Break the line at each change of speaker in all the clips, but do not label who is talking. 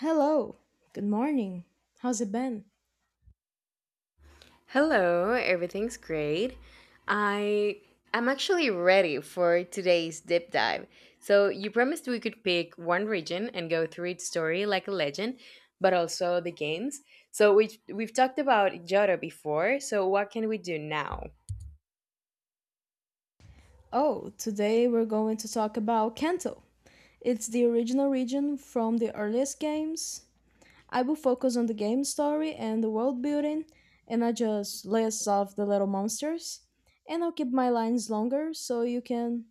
Hello, good morning. How's it been?
Hello, everything's great. I am actually ready for today's deep dive. So, you promised we could pick one region and go through its story like a legend, but also the games. So, we've talked about Johto before, so what can we do now?
Oh, today we're going to talk about Kanto. It's the original region from the earliest games. I will focus on the game story and the world building, and I just list off the little monsters. And I'll keep my lines longer so you can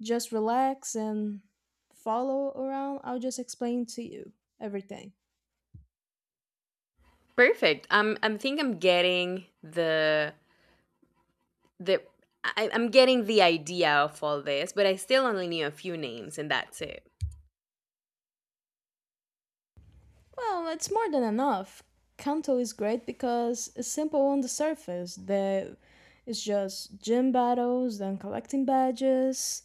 just relax and follow around. I'll just explain to you everything.
Perfect. I'm think I'm getting the I, I'm getting the idea of all this, but I still only knew a few names and that's it.
Well, it's more than enough. Kanto is great because it's simple on the surface. The It's just gym battles and collecting badges,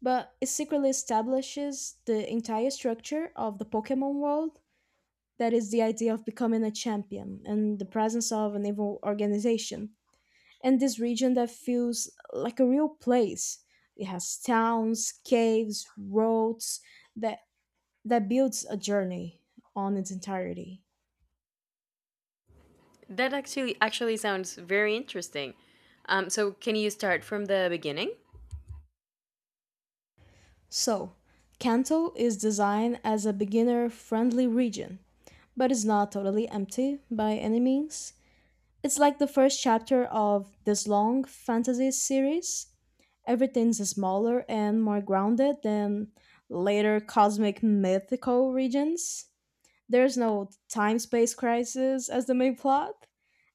but it secretly establishes the entire structure of the Pokemon world. That is the idea of becoming a champion and the presence of an evil organization. And this region that feels like a real place. It has towns, caves, roads that that builds a journey on its entirety.
That actually sounds very interesting. So can you start from the beginning?
So, Kanto is designed as a beginner friendly region, but it's not totally empty by any means. It's like the first chapter of this long fantasy series. Everything's smaller and more grounded than later cosmic mythical regions. There's no time space crisis as the main plot.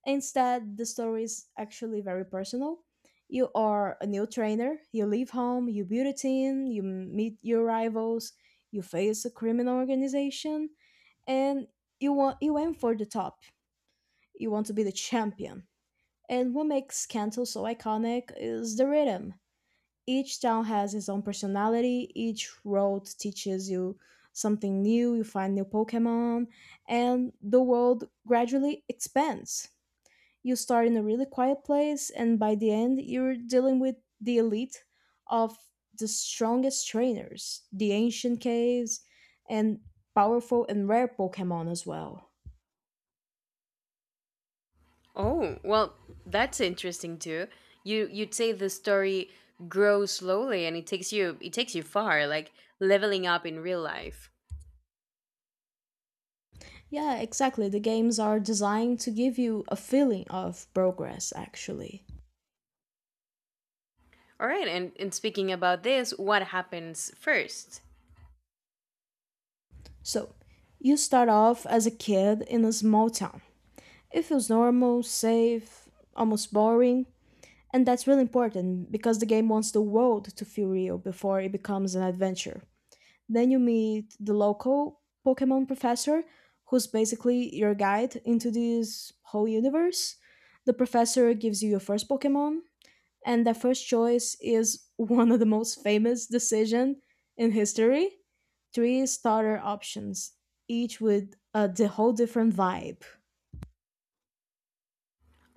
Instead, the story is actually very personal. You are a new trainer, you leave home, you build a team, you meet your rivals, you face a criminal organization, and you aim for the top. You want to be the champion. And what makes Kanto so iconic is the rhythm. Each town has its own personality, each road teaches you something new, you find new pokemon, and the world gradually expands. You start in a really quiet place, and by the end you're dealing with the elite of the strongest trainers, the ancient caves, and powerful and rare pokemon as well.
Oh, well, that's interesting too. You you'd say the story grows slowly and it takes you far, like leveling up in real life.
Yeah, exactly, the games are designed to give you a feeling of progress actually.
All right, and speaking about this, what happens first?
So, you start off as a kid in a small town. It feels normal, safe, almost boring, and that's really important because the game wants the world to feel real before it becomes an adventure. Then you meet the local Pokemon professor, who's basically your guide into this whole universe. The professor gives you your first Pokemon, and the first choice is one of the most famous decision in history. Three starter options, each with a the whole different vibe.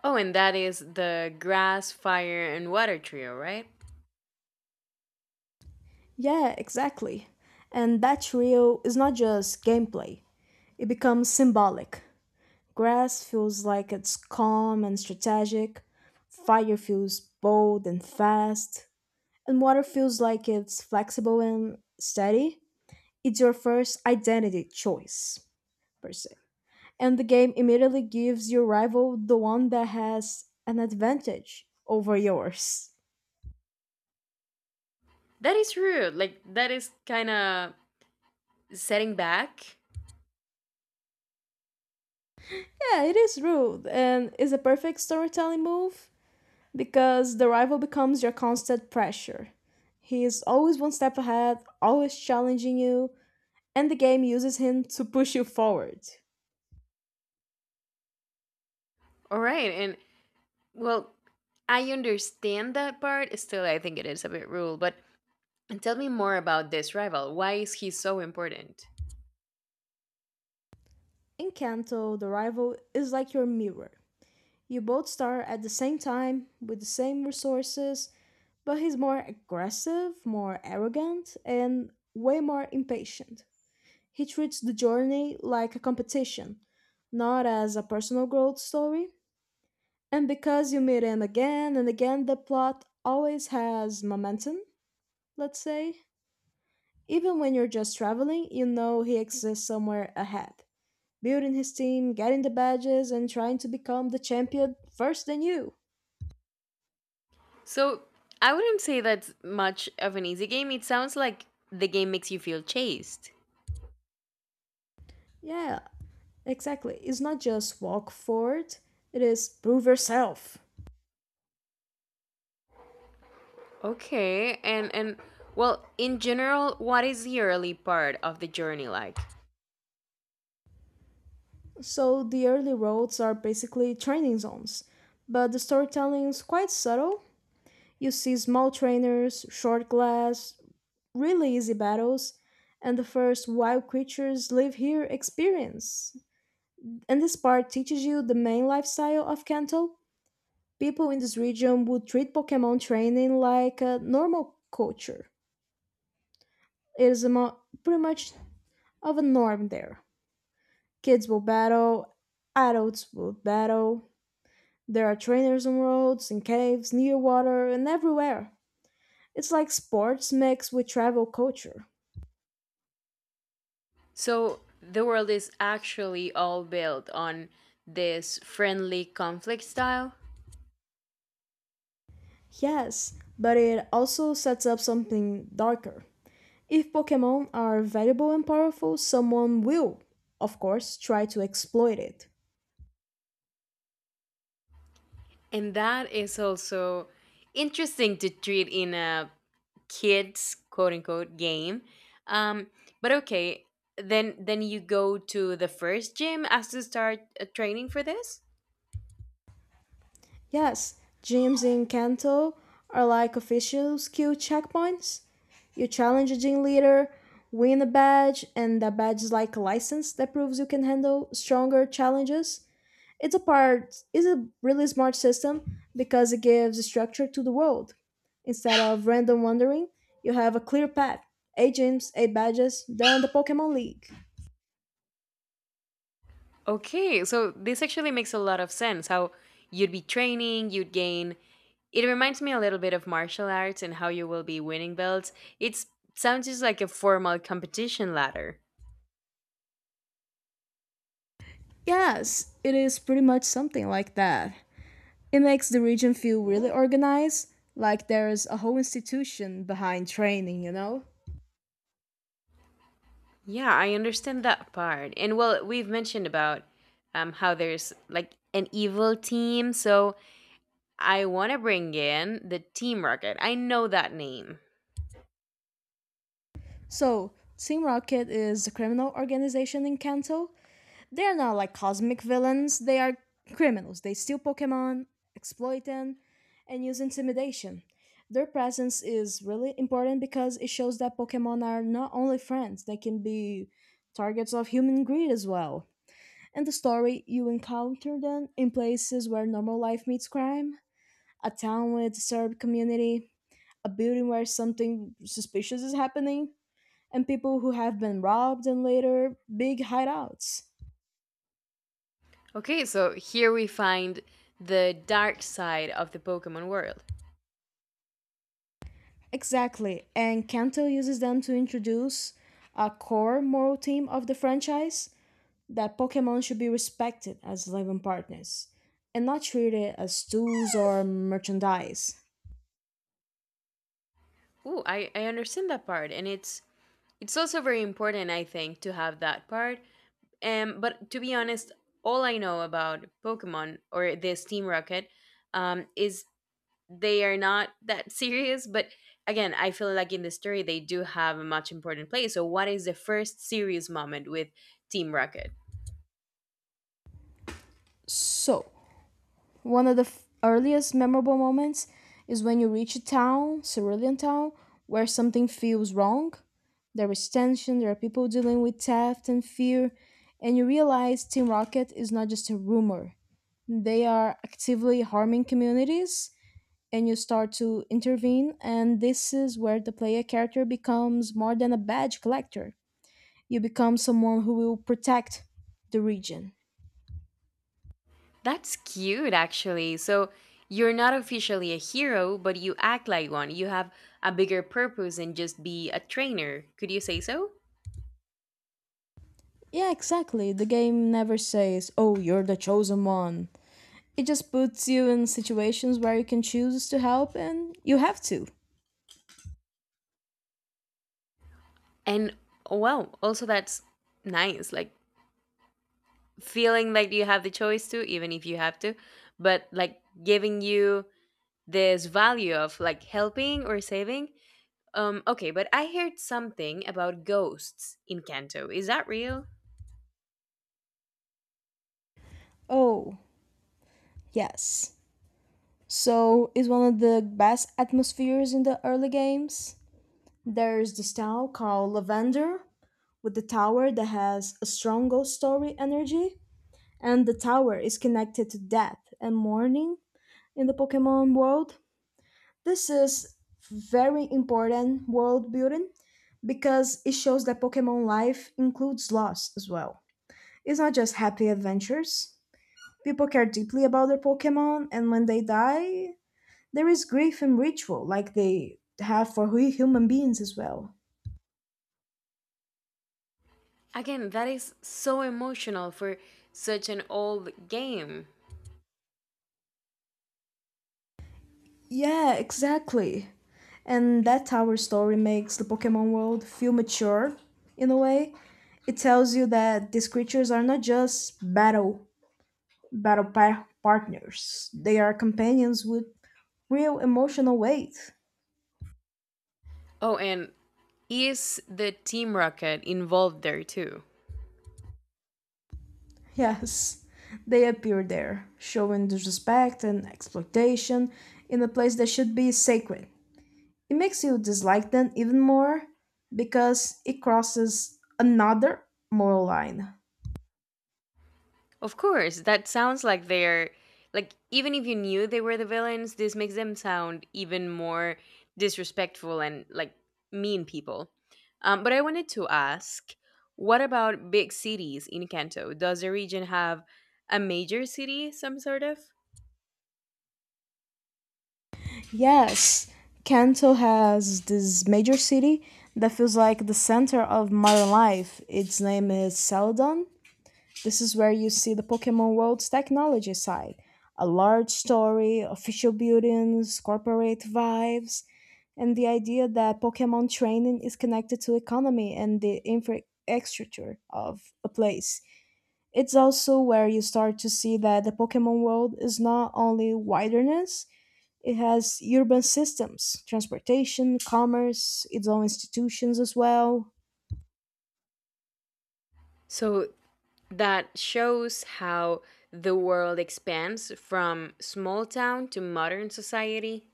Oh, and that is the grass, fire, and water trio, right?
Yeah, exactly. And that trio is not just gameplay; it becomes symbolic. Grass feels like it's calm and strategic. Fire feels bold and fast, and water feels like it's flexible and steady. It's your first identity choice, per se. And the game immediately gives your rival the one that has an advantage over yours.
That is rude. Like that is kind of setting back.
Yeah, it is rude and is a perfect storytelling move because the rival becomes your constant pressure. He is always one step ahead, always challenging you, and the game uses him to push you forward.
All right, and well, I understand that part. Still, I think it is a bit rude. But tell me more about this rival. Why is he so important?
In Kanto, the rival is like your mirror. You both start at the same time, with the same resources, but he's more aggressive, more arrogant, and way more impatient. He treats the journey like a competition, not as a personal growth story. And because you meet him again and again, the plot always has momentum, let's say. Even when you're just traveling, you know he exists somewhere ahead, building his team, getting the badges, and trying to become the champion first than you.
So, I wouldn't say that's much of an easy game. It sounds like the game makes you feel chased.
Yeah, exactly. It's not just walk forward, it is prove yourself.
Okay, and well, in general, what is the early part of the journey like?
So the early roads are basically training zones, but the storytelling is quite subtle. You see small trainers, short glass, really easy battles, and the first wild creatures live here experience. And this part teaches you the main lifestyle of Kanto. People in this region would treat Pokemon training like a normal culture. It is pretty much of a norm there. Kids will battle, adults will battle, there are trainers on roads, in caves, near water, and everywhere. It's like sports mixed with travel culture.
So, the world is actually all built on this friendly conflict style,
Yes, but it also sets up something darker. If Pokemon are valuable and powerful, someone will, of course, try to exploit it.
and that is also interesting to treat in a kids quote unquote game, um but okay, then you go to the first gym as to start training for this.
Yes, gyms in Kanto are like official skill checkpoints. You challenge a gym leader, win a badge, and that badge is like a license that proves you can handle stronger challenges. It's a part is a really smart system because it gives structure to the world. Instead of random wandering, you have a clear path. 8 gyms, 8 badges, then the Pokemon League.
Okay, so this actually makes a lot of sense how you'd be training, you'd gain, it reminds me a little bit of martial arts and how you will be winning belts. It sounds just like a formal competition ladder.
Yes, it is pretty much something like that. It makes the region feel really organized, like there's a whole institution behind training, you know?
Yeah, I understand that part, and well, we've mentioned about, how there's like an evil team, so I want to bring in the Team Rocket. I know that name.
So, Team Rocket is a criminal organization in Kanto. They are not like cosmic villains. They are criminals. They steal Pokemon, exploit them, and use intimidation. Their presence is really important because it shows that Pokemon are not only friends, they can be targets of human greed as well. In the story, you encounter them in places where normal life meets crime, a town with a disturbed community, a building where something suspicious is happening, and people who have been robbed and later big hideouts.
Okay, so here we find the dark side of the Pokemon world.
Exactly, and Kanto uses them to introduce a core moral theme of the franchise, that Pokemon should be respected as living partners and not treated as tools or merchandise.
Ooh, I understand that part, and it's also very important, I think, to have that part. But to be honest, all I know about Pokemon or this Team Rocket, is they are not that serious. But again, I feel like in the story they do have a much important place. So, what is the first serious moment with Team Rocket?
So, One of the f- earliest memorable moments is when you reach a town, Cerulean Town, where something feels wrong. There is tension, there are people dealing with theft and fear, and you realize Team Rocket is not just a rumor. They are actively harming communities, and you start to intervene, and this is where the player character becomes more than a badge collector. You become someone who will protect the region.
That's cute, actually. So you're not officially a hero, but you act like one. You have a bigger purpose than just be a trainer. Could you say so?
Yeah, exactly. The game never says, oh, you're the chosen one. It just puts you in situations where you can choose to help and you have to.
And oh, wow, also that's nice. Like feeling like you have the choice to, even if you have to, but like giving you this value of like helping or saving. Okay, but I heard something about ghosts in Kanto. Is that real?
Oh, yes. So, it's one of the best atmospheres in the early games. There's this town called Lavender with the tower that has a strong ghost story energy, and the tower is connected to death and mourning in the Pokemon world. This is very important world building because it shows that Pokemon life includes loss as well. It's not just happy adventures. People care deeply about their Pokemon, and when they die, there is grief and ritual like they have for we human beings as well.
Again, that is so emotional for such an old game.
Yeah, exactly. And that's how our story makes the Pokemon world feel mature in a way. It tells you that these creatures are not just partners. They are companions with real emotional weight.
Oh, and is the Team Rocket involved there too?
Yes, they appear there, showing disrespect and exploitation in a place that should be sacred. It makes you dislike them even more because it crosses another moral line.
Of course, that sounds like they're like even if you knew they were the villains, this makes them sound even more disrespectful and like mean people. But I wanted to ask, what about big cities in Kanto? Does the region have a major city, some sort of?
Yes, Kanto has this major city that feels like the center of modern life. Its name is Celadon. This is where you see the Pokemon world's technology side. A large story, official buildings, corporate vibes, and the idea that Pokemon training is connected to economy and the infrastructure of a place. It's also where you start to see that the Pokemon world is not only wilderness, it has urban systems, transportation, commerce, its own institutions as well.
So that shows how the world expands from small town to modern society.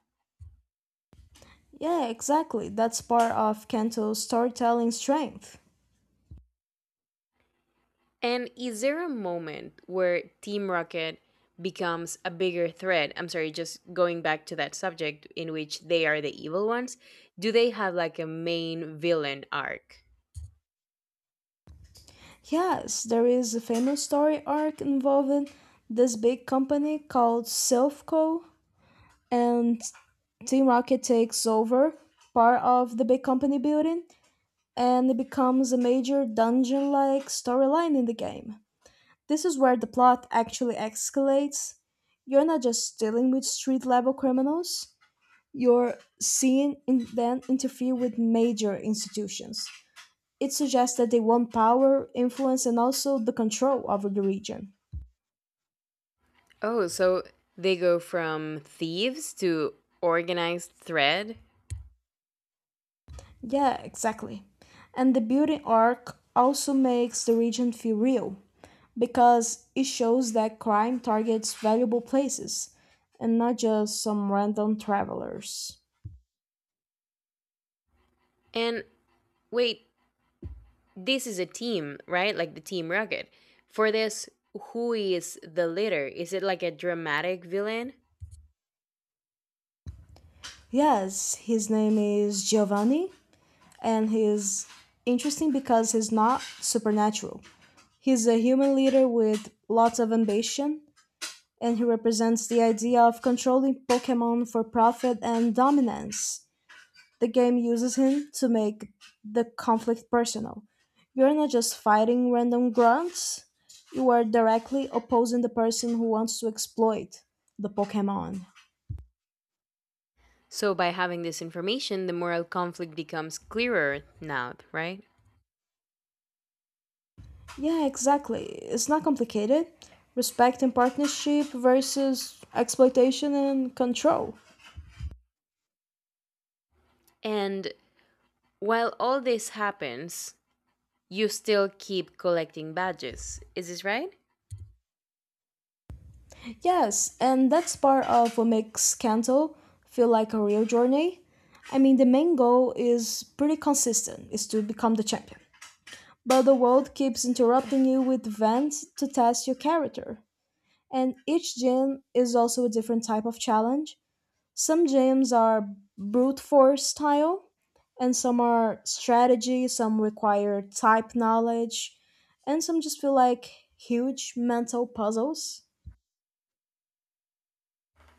Yeah, exactly. That's part of Kanto's storytelling strength.
And is there a moment where Team Rocket becomes a bigger threat? I'm sorry, just going back to that subject in which they are the evil ones. Do they have like a main villain arc?
Yes, there is a famous story arc involving this big company called Silfco, and Team Rocket takes over part of the big company building, and it becomes a major dungeon like storyline in the game. This is where the plot actually escalates. You're not just dealing with street level criminals, you're seeing them interfere with major institutions. It suggests that they want power, influence, and also the control over the region.
Oh, so they go from thieves to organized thread?
Yeah, exactly. And the building arc also makes the region feel real because it shows that crime targets valuable places and not just some random travelers.
And wait, this is a team, right? Like the Team Rocket. For this, who is the leader? Is it like a dramatic villain?
Yes, his name is Giovanni and he's interesting because he's not supernatural. He's a human leader with lots of ambition and he represents the idea of controlling Pokemon for profit and dominance. The game uses him to make the conflict personal. You're not just fighting random grunts, you are directly opposing the person who wants to exploit the Pokemon.
So, by having this information, the moral conflict becomes clearer now, right?
Yeah, exactly. It's not complicated. Respect and partnership versus exploitation and control.
And while all this happens, you still keep collecting badges. Is this right?
Yes, and that's part of what makes Kanto feel like a real journey. I mean, the main goal is pretty consistent, is to become the champion. But the world keeps interrupting you with events to test your character. And each gym is also a different type of challenge. Some gyms are brute force style, and some are strategy, some require type knowledge, and some just feel like huge mental puzzles.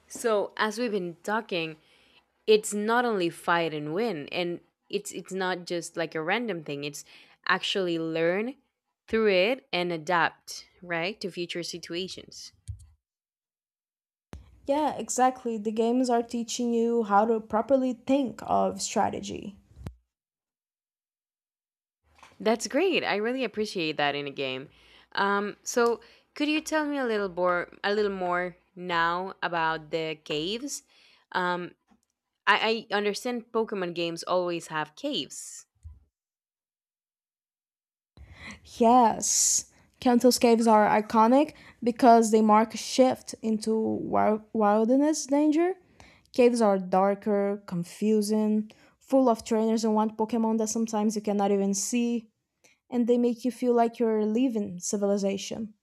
So, as we've been talking, it's not only fight and win, and it's not just like a random thing. It's actually learn through it and adapt, right, to future situations.
Yeah, exactly. The games are teaching you how to properly think of strategy.
That's great. I really appreciate that in a game. So could you tell me a little more now about the caves? Um, I understand Pokemon games always have caves.
Yes. Kanto's caves are iconic because they mark a shift into wilderness danger. Caves are darker, confusing, full of trainers and wild Pokemon that sometimes you cannot even see, and they make you feel like you're leaving civilization.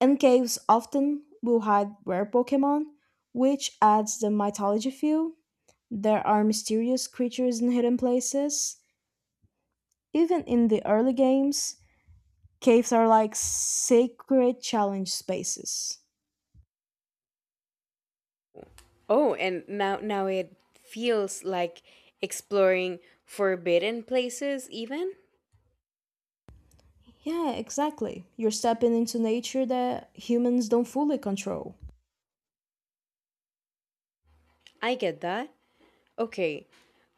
And caves often will hide rare Pokemon, which adds the mythology feel. There are mysterious creatures in hidden places. Even in the early games, caves are like sacred challenge spaces.
Oh, and now it feels like exploring forbidden places even?
Yeah, exactly. You're stepping into nature that humans don't fully control.
I get that. Okay.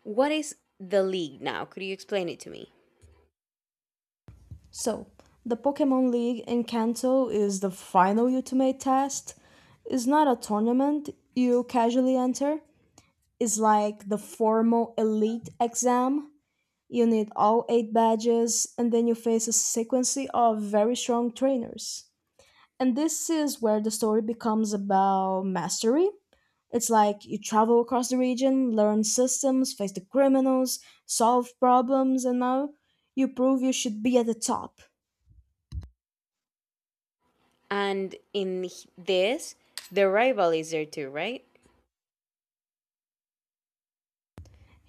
What is the league now? Could you explain it to me?
So, the Pokemon League in Kanto is the final ultimate test. It's not a tournament you casually enter, it's like the formal elite exam. You need all 8 badges, and then you face a sequence of very strong trainers. And this is where the story becomes about mastery. It's like you travel across the region, learn systems, face the criminals, solve problems, and now you prove you should be at the top.
And in this, the rival is there too, right?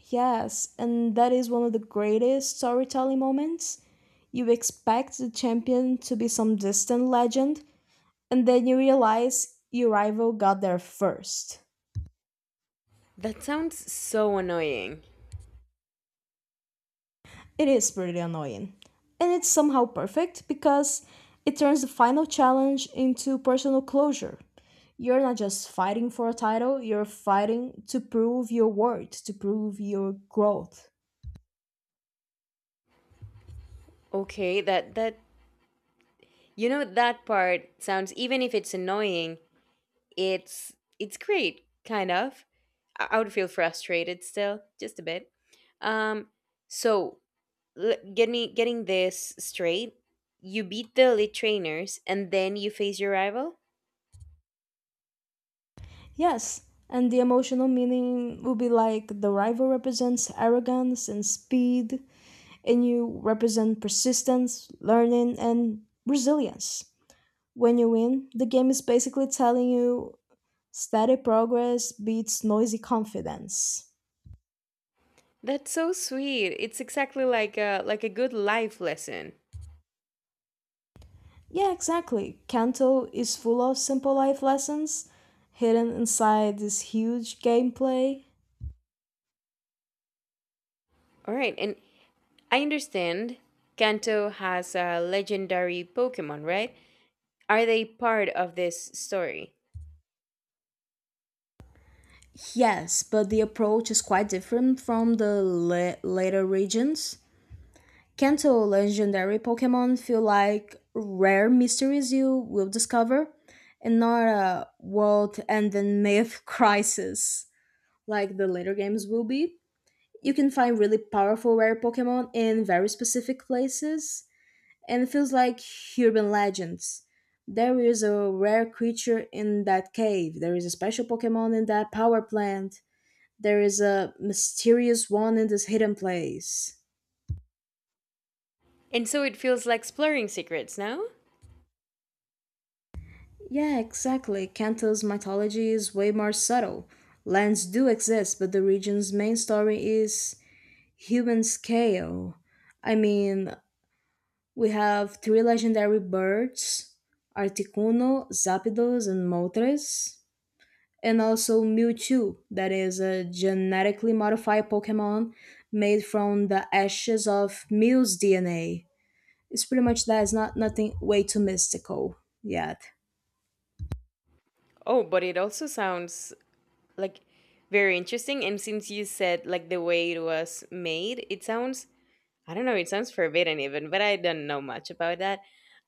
Yes, and that is one of the greatest storytelling moments. You expect the champion to be some distant legend, and then you realize your rival got there first.
That sounds so annoying.
It is pretty annoying. And it's somehow perfect because it turns the final challenge into personal closure. You're not just fighting for a title, you're fighting to prove your worth, to prove your growth.
Okay, that you know that part sounds even if it's annoying, it's great kind of. I would feel frustrated still, just a bit. Um so get me getting this straight. You beat the elite trainers and then you face your rival?
Yes, and the emotional meaning will be like the rival represents arrogance and speed, and you represent persistence, learning, and resilience. When you win, the game is basically telling you steady progress beats noisy confidence.
That's so sweet. It's exactly like a good life lesson.
Yeah, exactly. Kanto is full of simple life lessons hidden inside this huge gameplay.
All right, and I understand Kanto has a legendary Pokemon, right? Are they part of this story?
Yes, but the approach is quite different from the later regions. Kanto legendary Pokemon feel like rare mysteries you will discover and not a world ending myth crisis like the later games will be. You can find really powerful rare Pokemon in very specific places, and it feels like urban legends. There is a rare creature in that cave, there is a special Pokemon in that power plant, there is a mysterious one in this hidden place.
And so it feels like exploring secrets, no?
Yeah, exactly. Kanto's mythology is way more subtle. Lands do exist, but the region's main story is human scale. I mean, we have three legendary birds: Articuno, Zapdos, and Moltres. And also Mewtwo, that is a genetically modified Pokemon made from the ashes of Mew's DNA. It's pretty much that, it's not nothing way too mystical yet.
Oh, but it also sounds like very interesting. And since you said like the way it was made, it sounds I don't know, it sounds forbidden even, but I don't know much about that.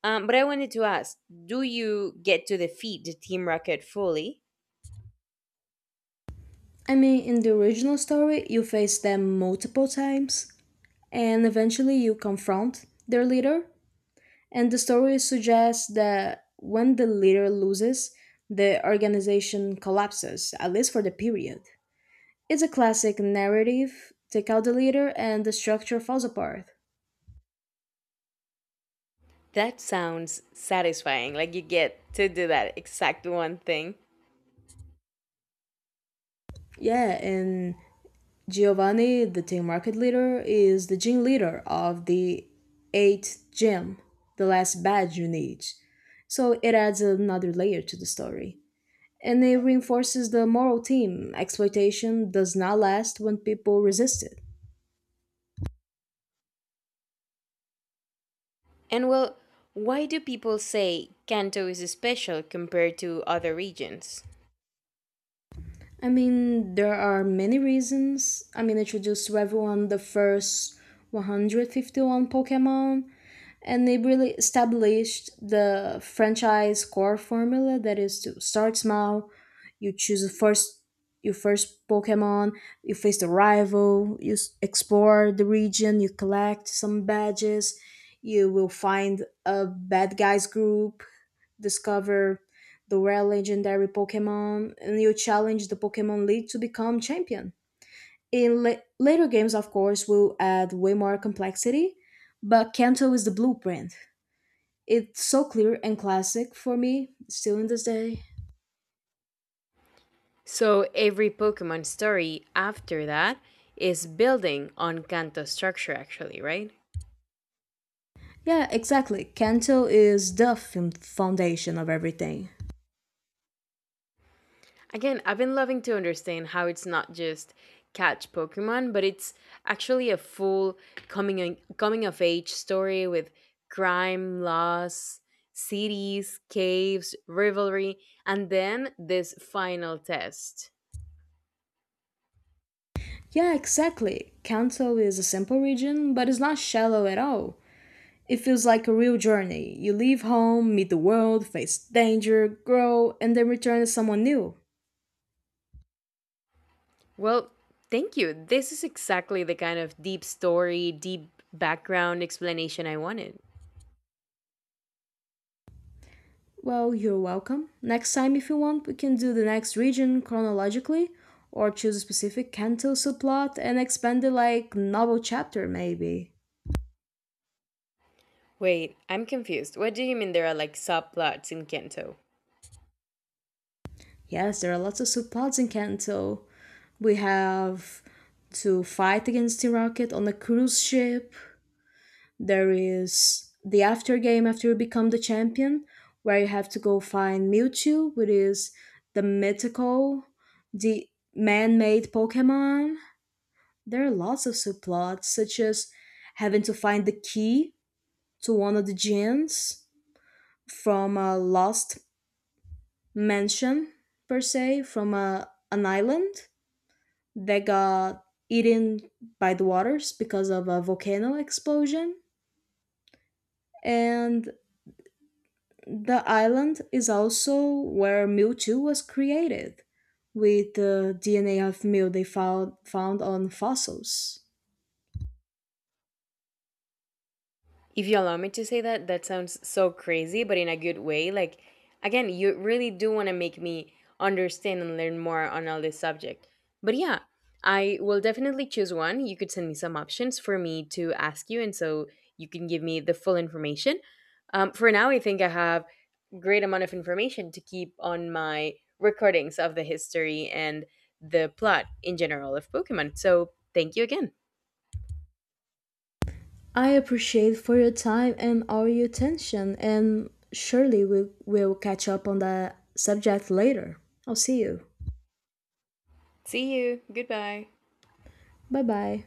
But I wanted to ask, do you get to defeat the Team Rocket fully?
I mean, in the original story, you face them multiple times, and eventually you confront their leader. And the story suggests that when the leader loses, the organization collapses, at least for the period. It's a classic narrative: take out the leader, and the structure falls apart.
That sounds satisfying. Like you get to do that exact one thing.
Yeah, and Giovanni, the team market leader, is the gym leader of the eighth gym, the last badge you need. So it adds another layer to the story. And it reinforces the moral theme: exploitation does not last when people resist it.
And well, why do people say Kanto is special compared to other regions?
I mean, there are many reasons. I mean, introduced to everyone the first 151 Pokemon, and they really established the franchise core formula that is to start small, you choose the first your first Pokemon, you face the rival, you explore the region, you collect some badges, you will find a bad guys group, discover the rare legendary Pokemon, and you challenge the Pokemon League to become champion. In later games, of course, will add way more complexity, but Kanto is the blueprint. It's so clear and classic for me, still in this day.
So every Pokemon story after that is building on Kanto structure actually, right?
Yeah, exactly. Kanto is the foundation of everything.
Again, I've been loving to understand how it's not just catch Pokemon, but it's actually a full coming of age story with crime, loss, cities, caves, rivalry, and then this final test.
Yeah, exactly. Kanto is a simple region, but it's not shallow at all. It feels like a real journey. You leave home, meet the world, face danger, grow, and then return as someone new.
Well, thank you. This is exactly the kind of deep story, deep background explanation I wanted.
Well, you're welcome. Next time, if you want, we can do the next region chronologically, or choose a specific Kanto subplot and expand it like novel chapter, maybe.
Wait, I'm confused. What do you mean there are like subplots in Kento?
Yes, there are lots of subplots in Kanto. We have to fight against the rocket on a cruise ship. There is the after game after you become the champion, where you have to go find Mewtwo, which is the mythical, the man-made Pokemon. There are lots of subplots, such as having to find the key to one of the gyms from a lost mansion per se, from a an island that got eaten by the waters because of a volcano explosion. And the island is also where Mewtwo was created, with the DNA of Mew they found, found on fossils.
If you allow me to say that, that sounds so crazy, but in a good way. Like, again, you really do want to make me understand and learn more on all this subject. But yeah, I will definitely choose one. You could send me some options for me to ask you, and so you can give me the full information. For now, I think I have great amount of information to keep on my recordings of the history and the plot in general of Pokemon. So thank you again.
I appreciate for your time and all your attention, and surely we will catch up on the subject later. I'll see you.
See you. Goodbye.
Bye bye.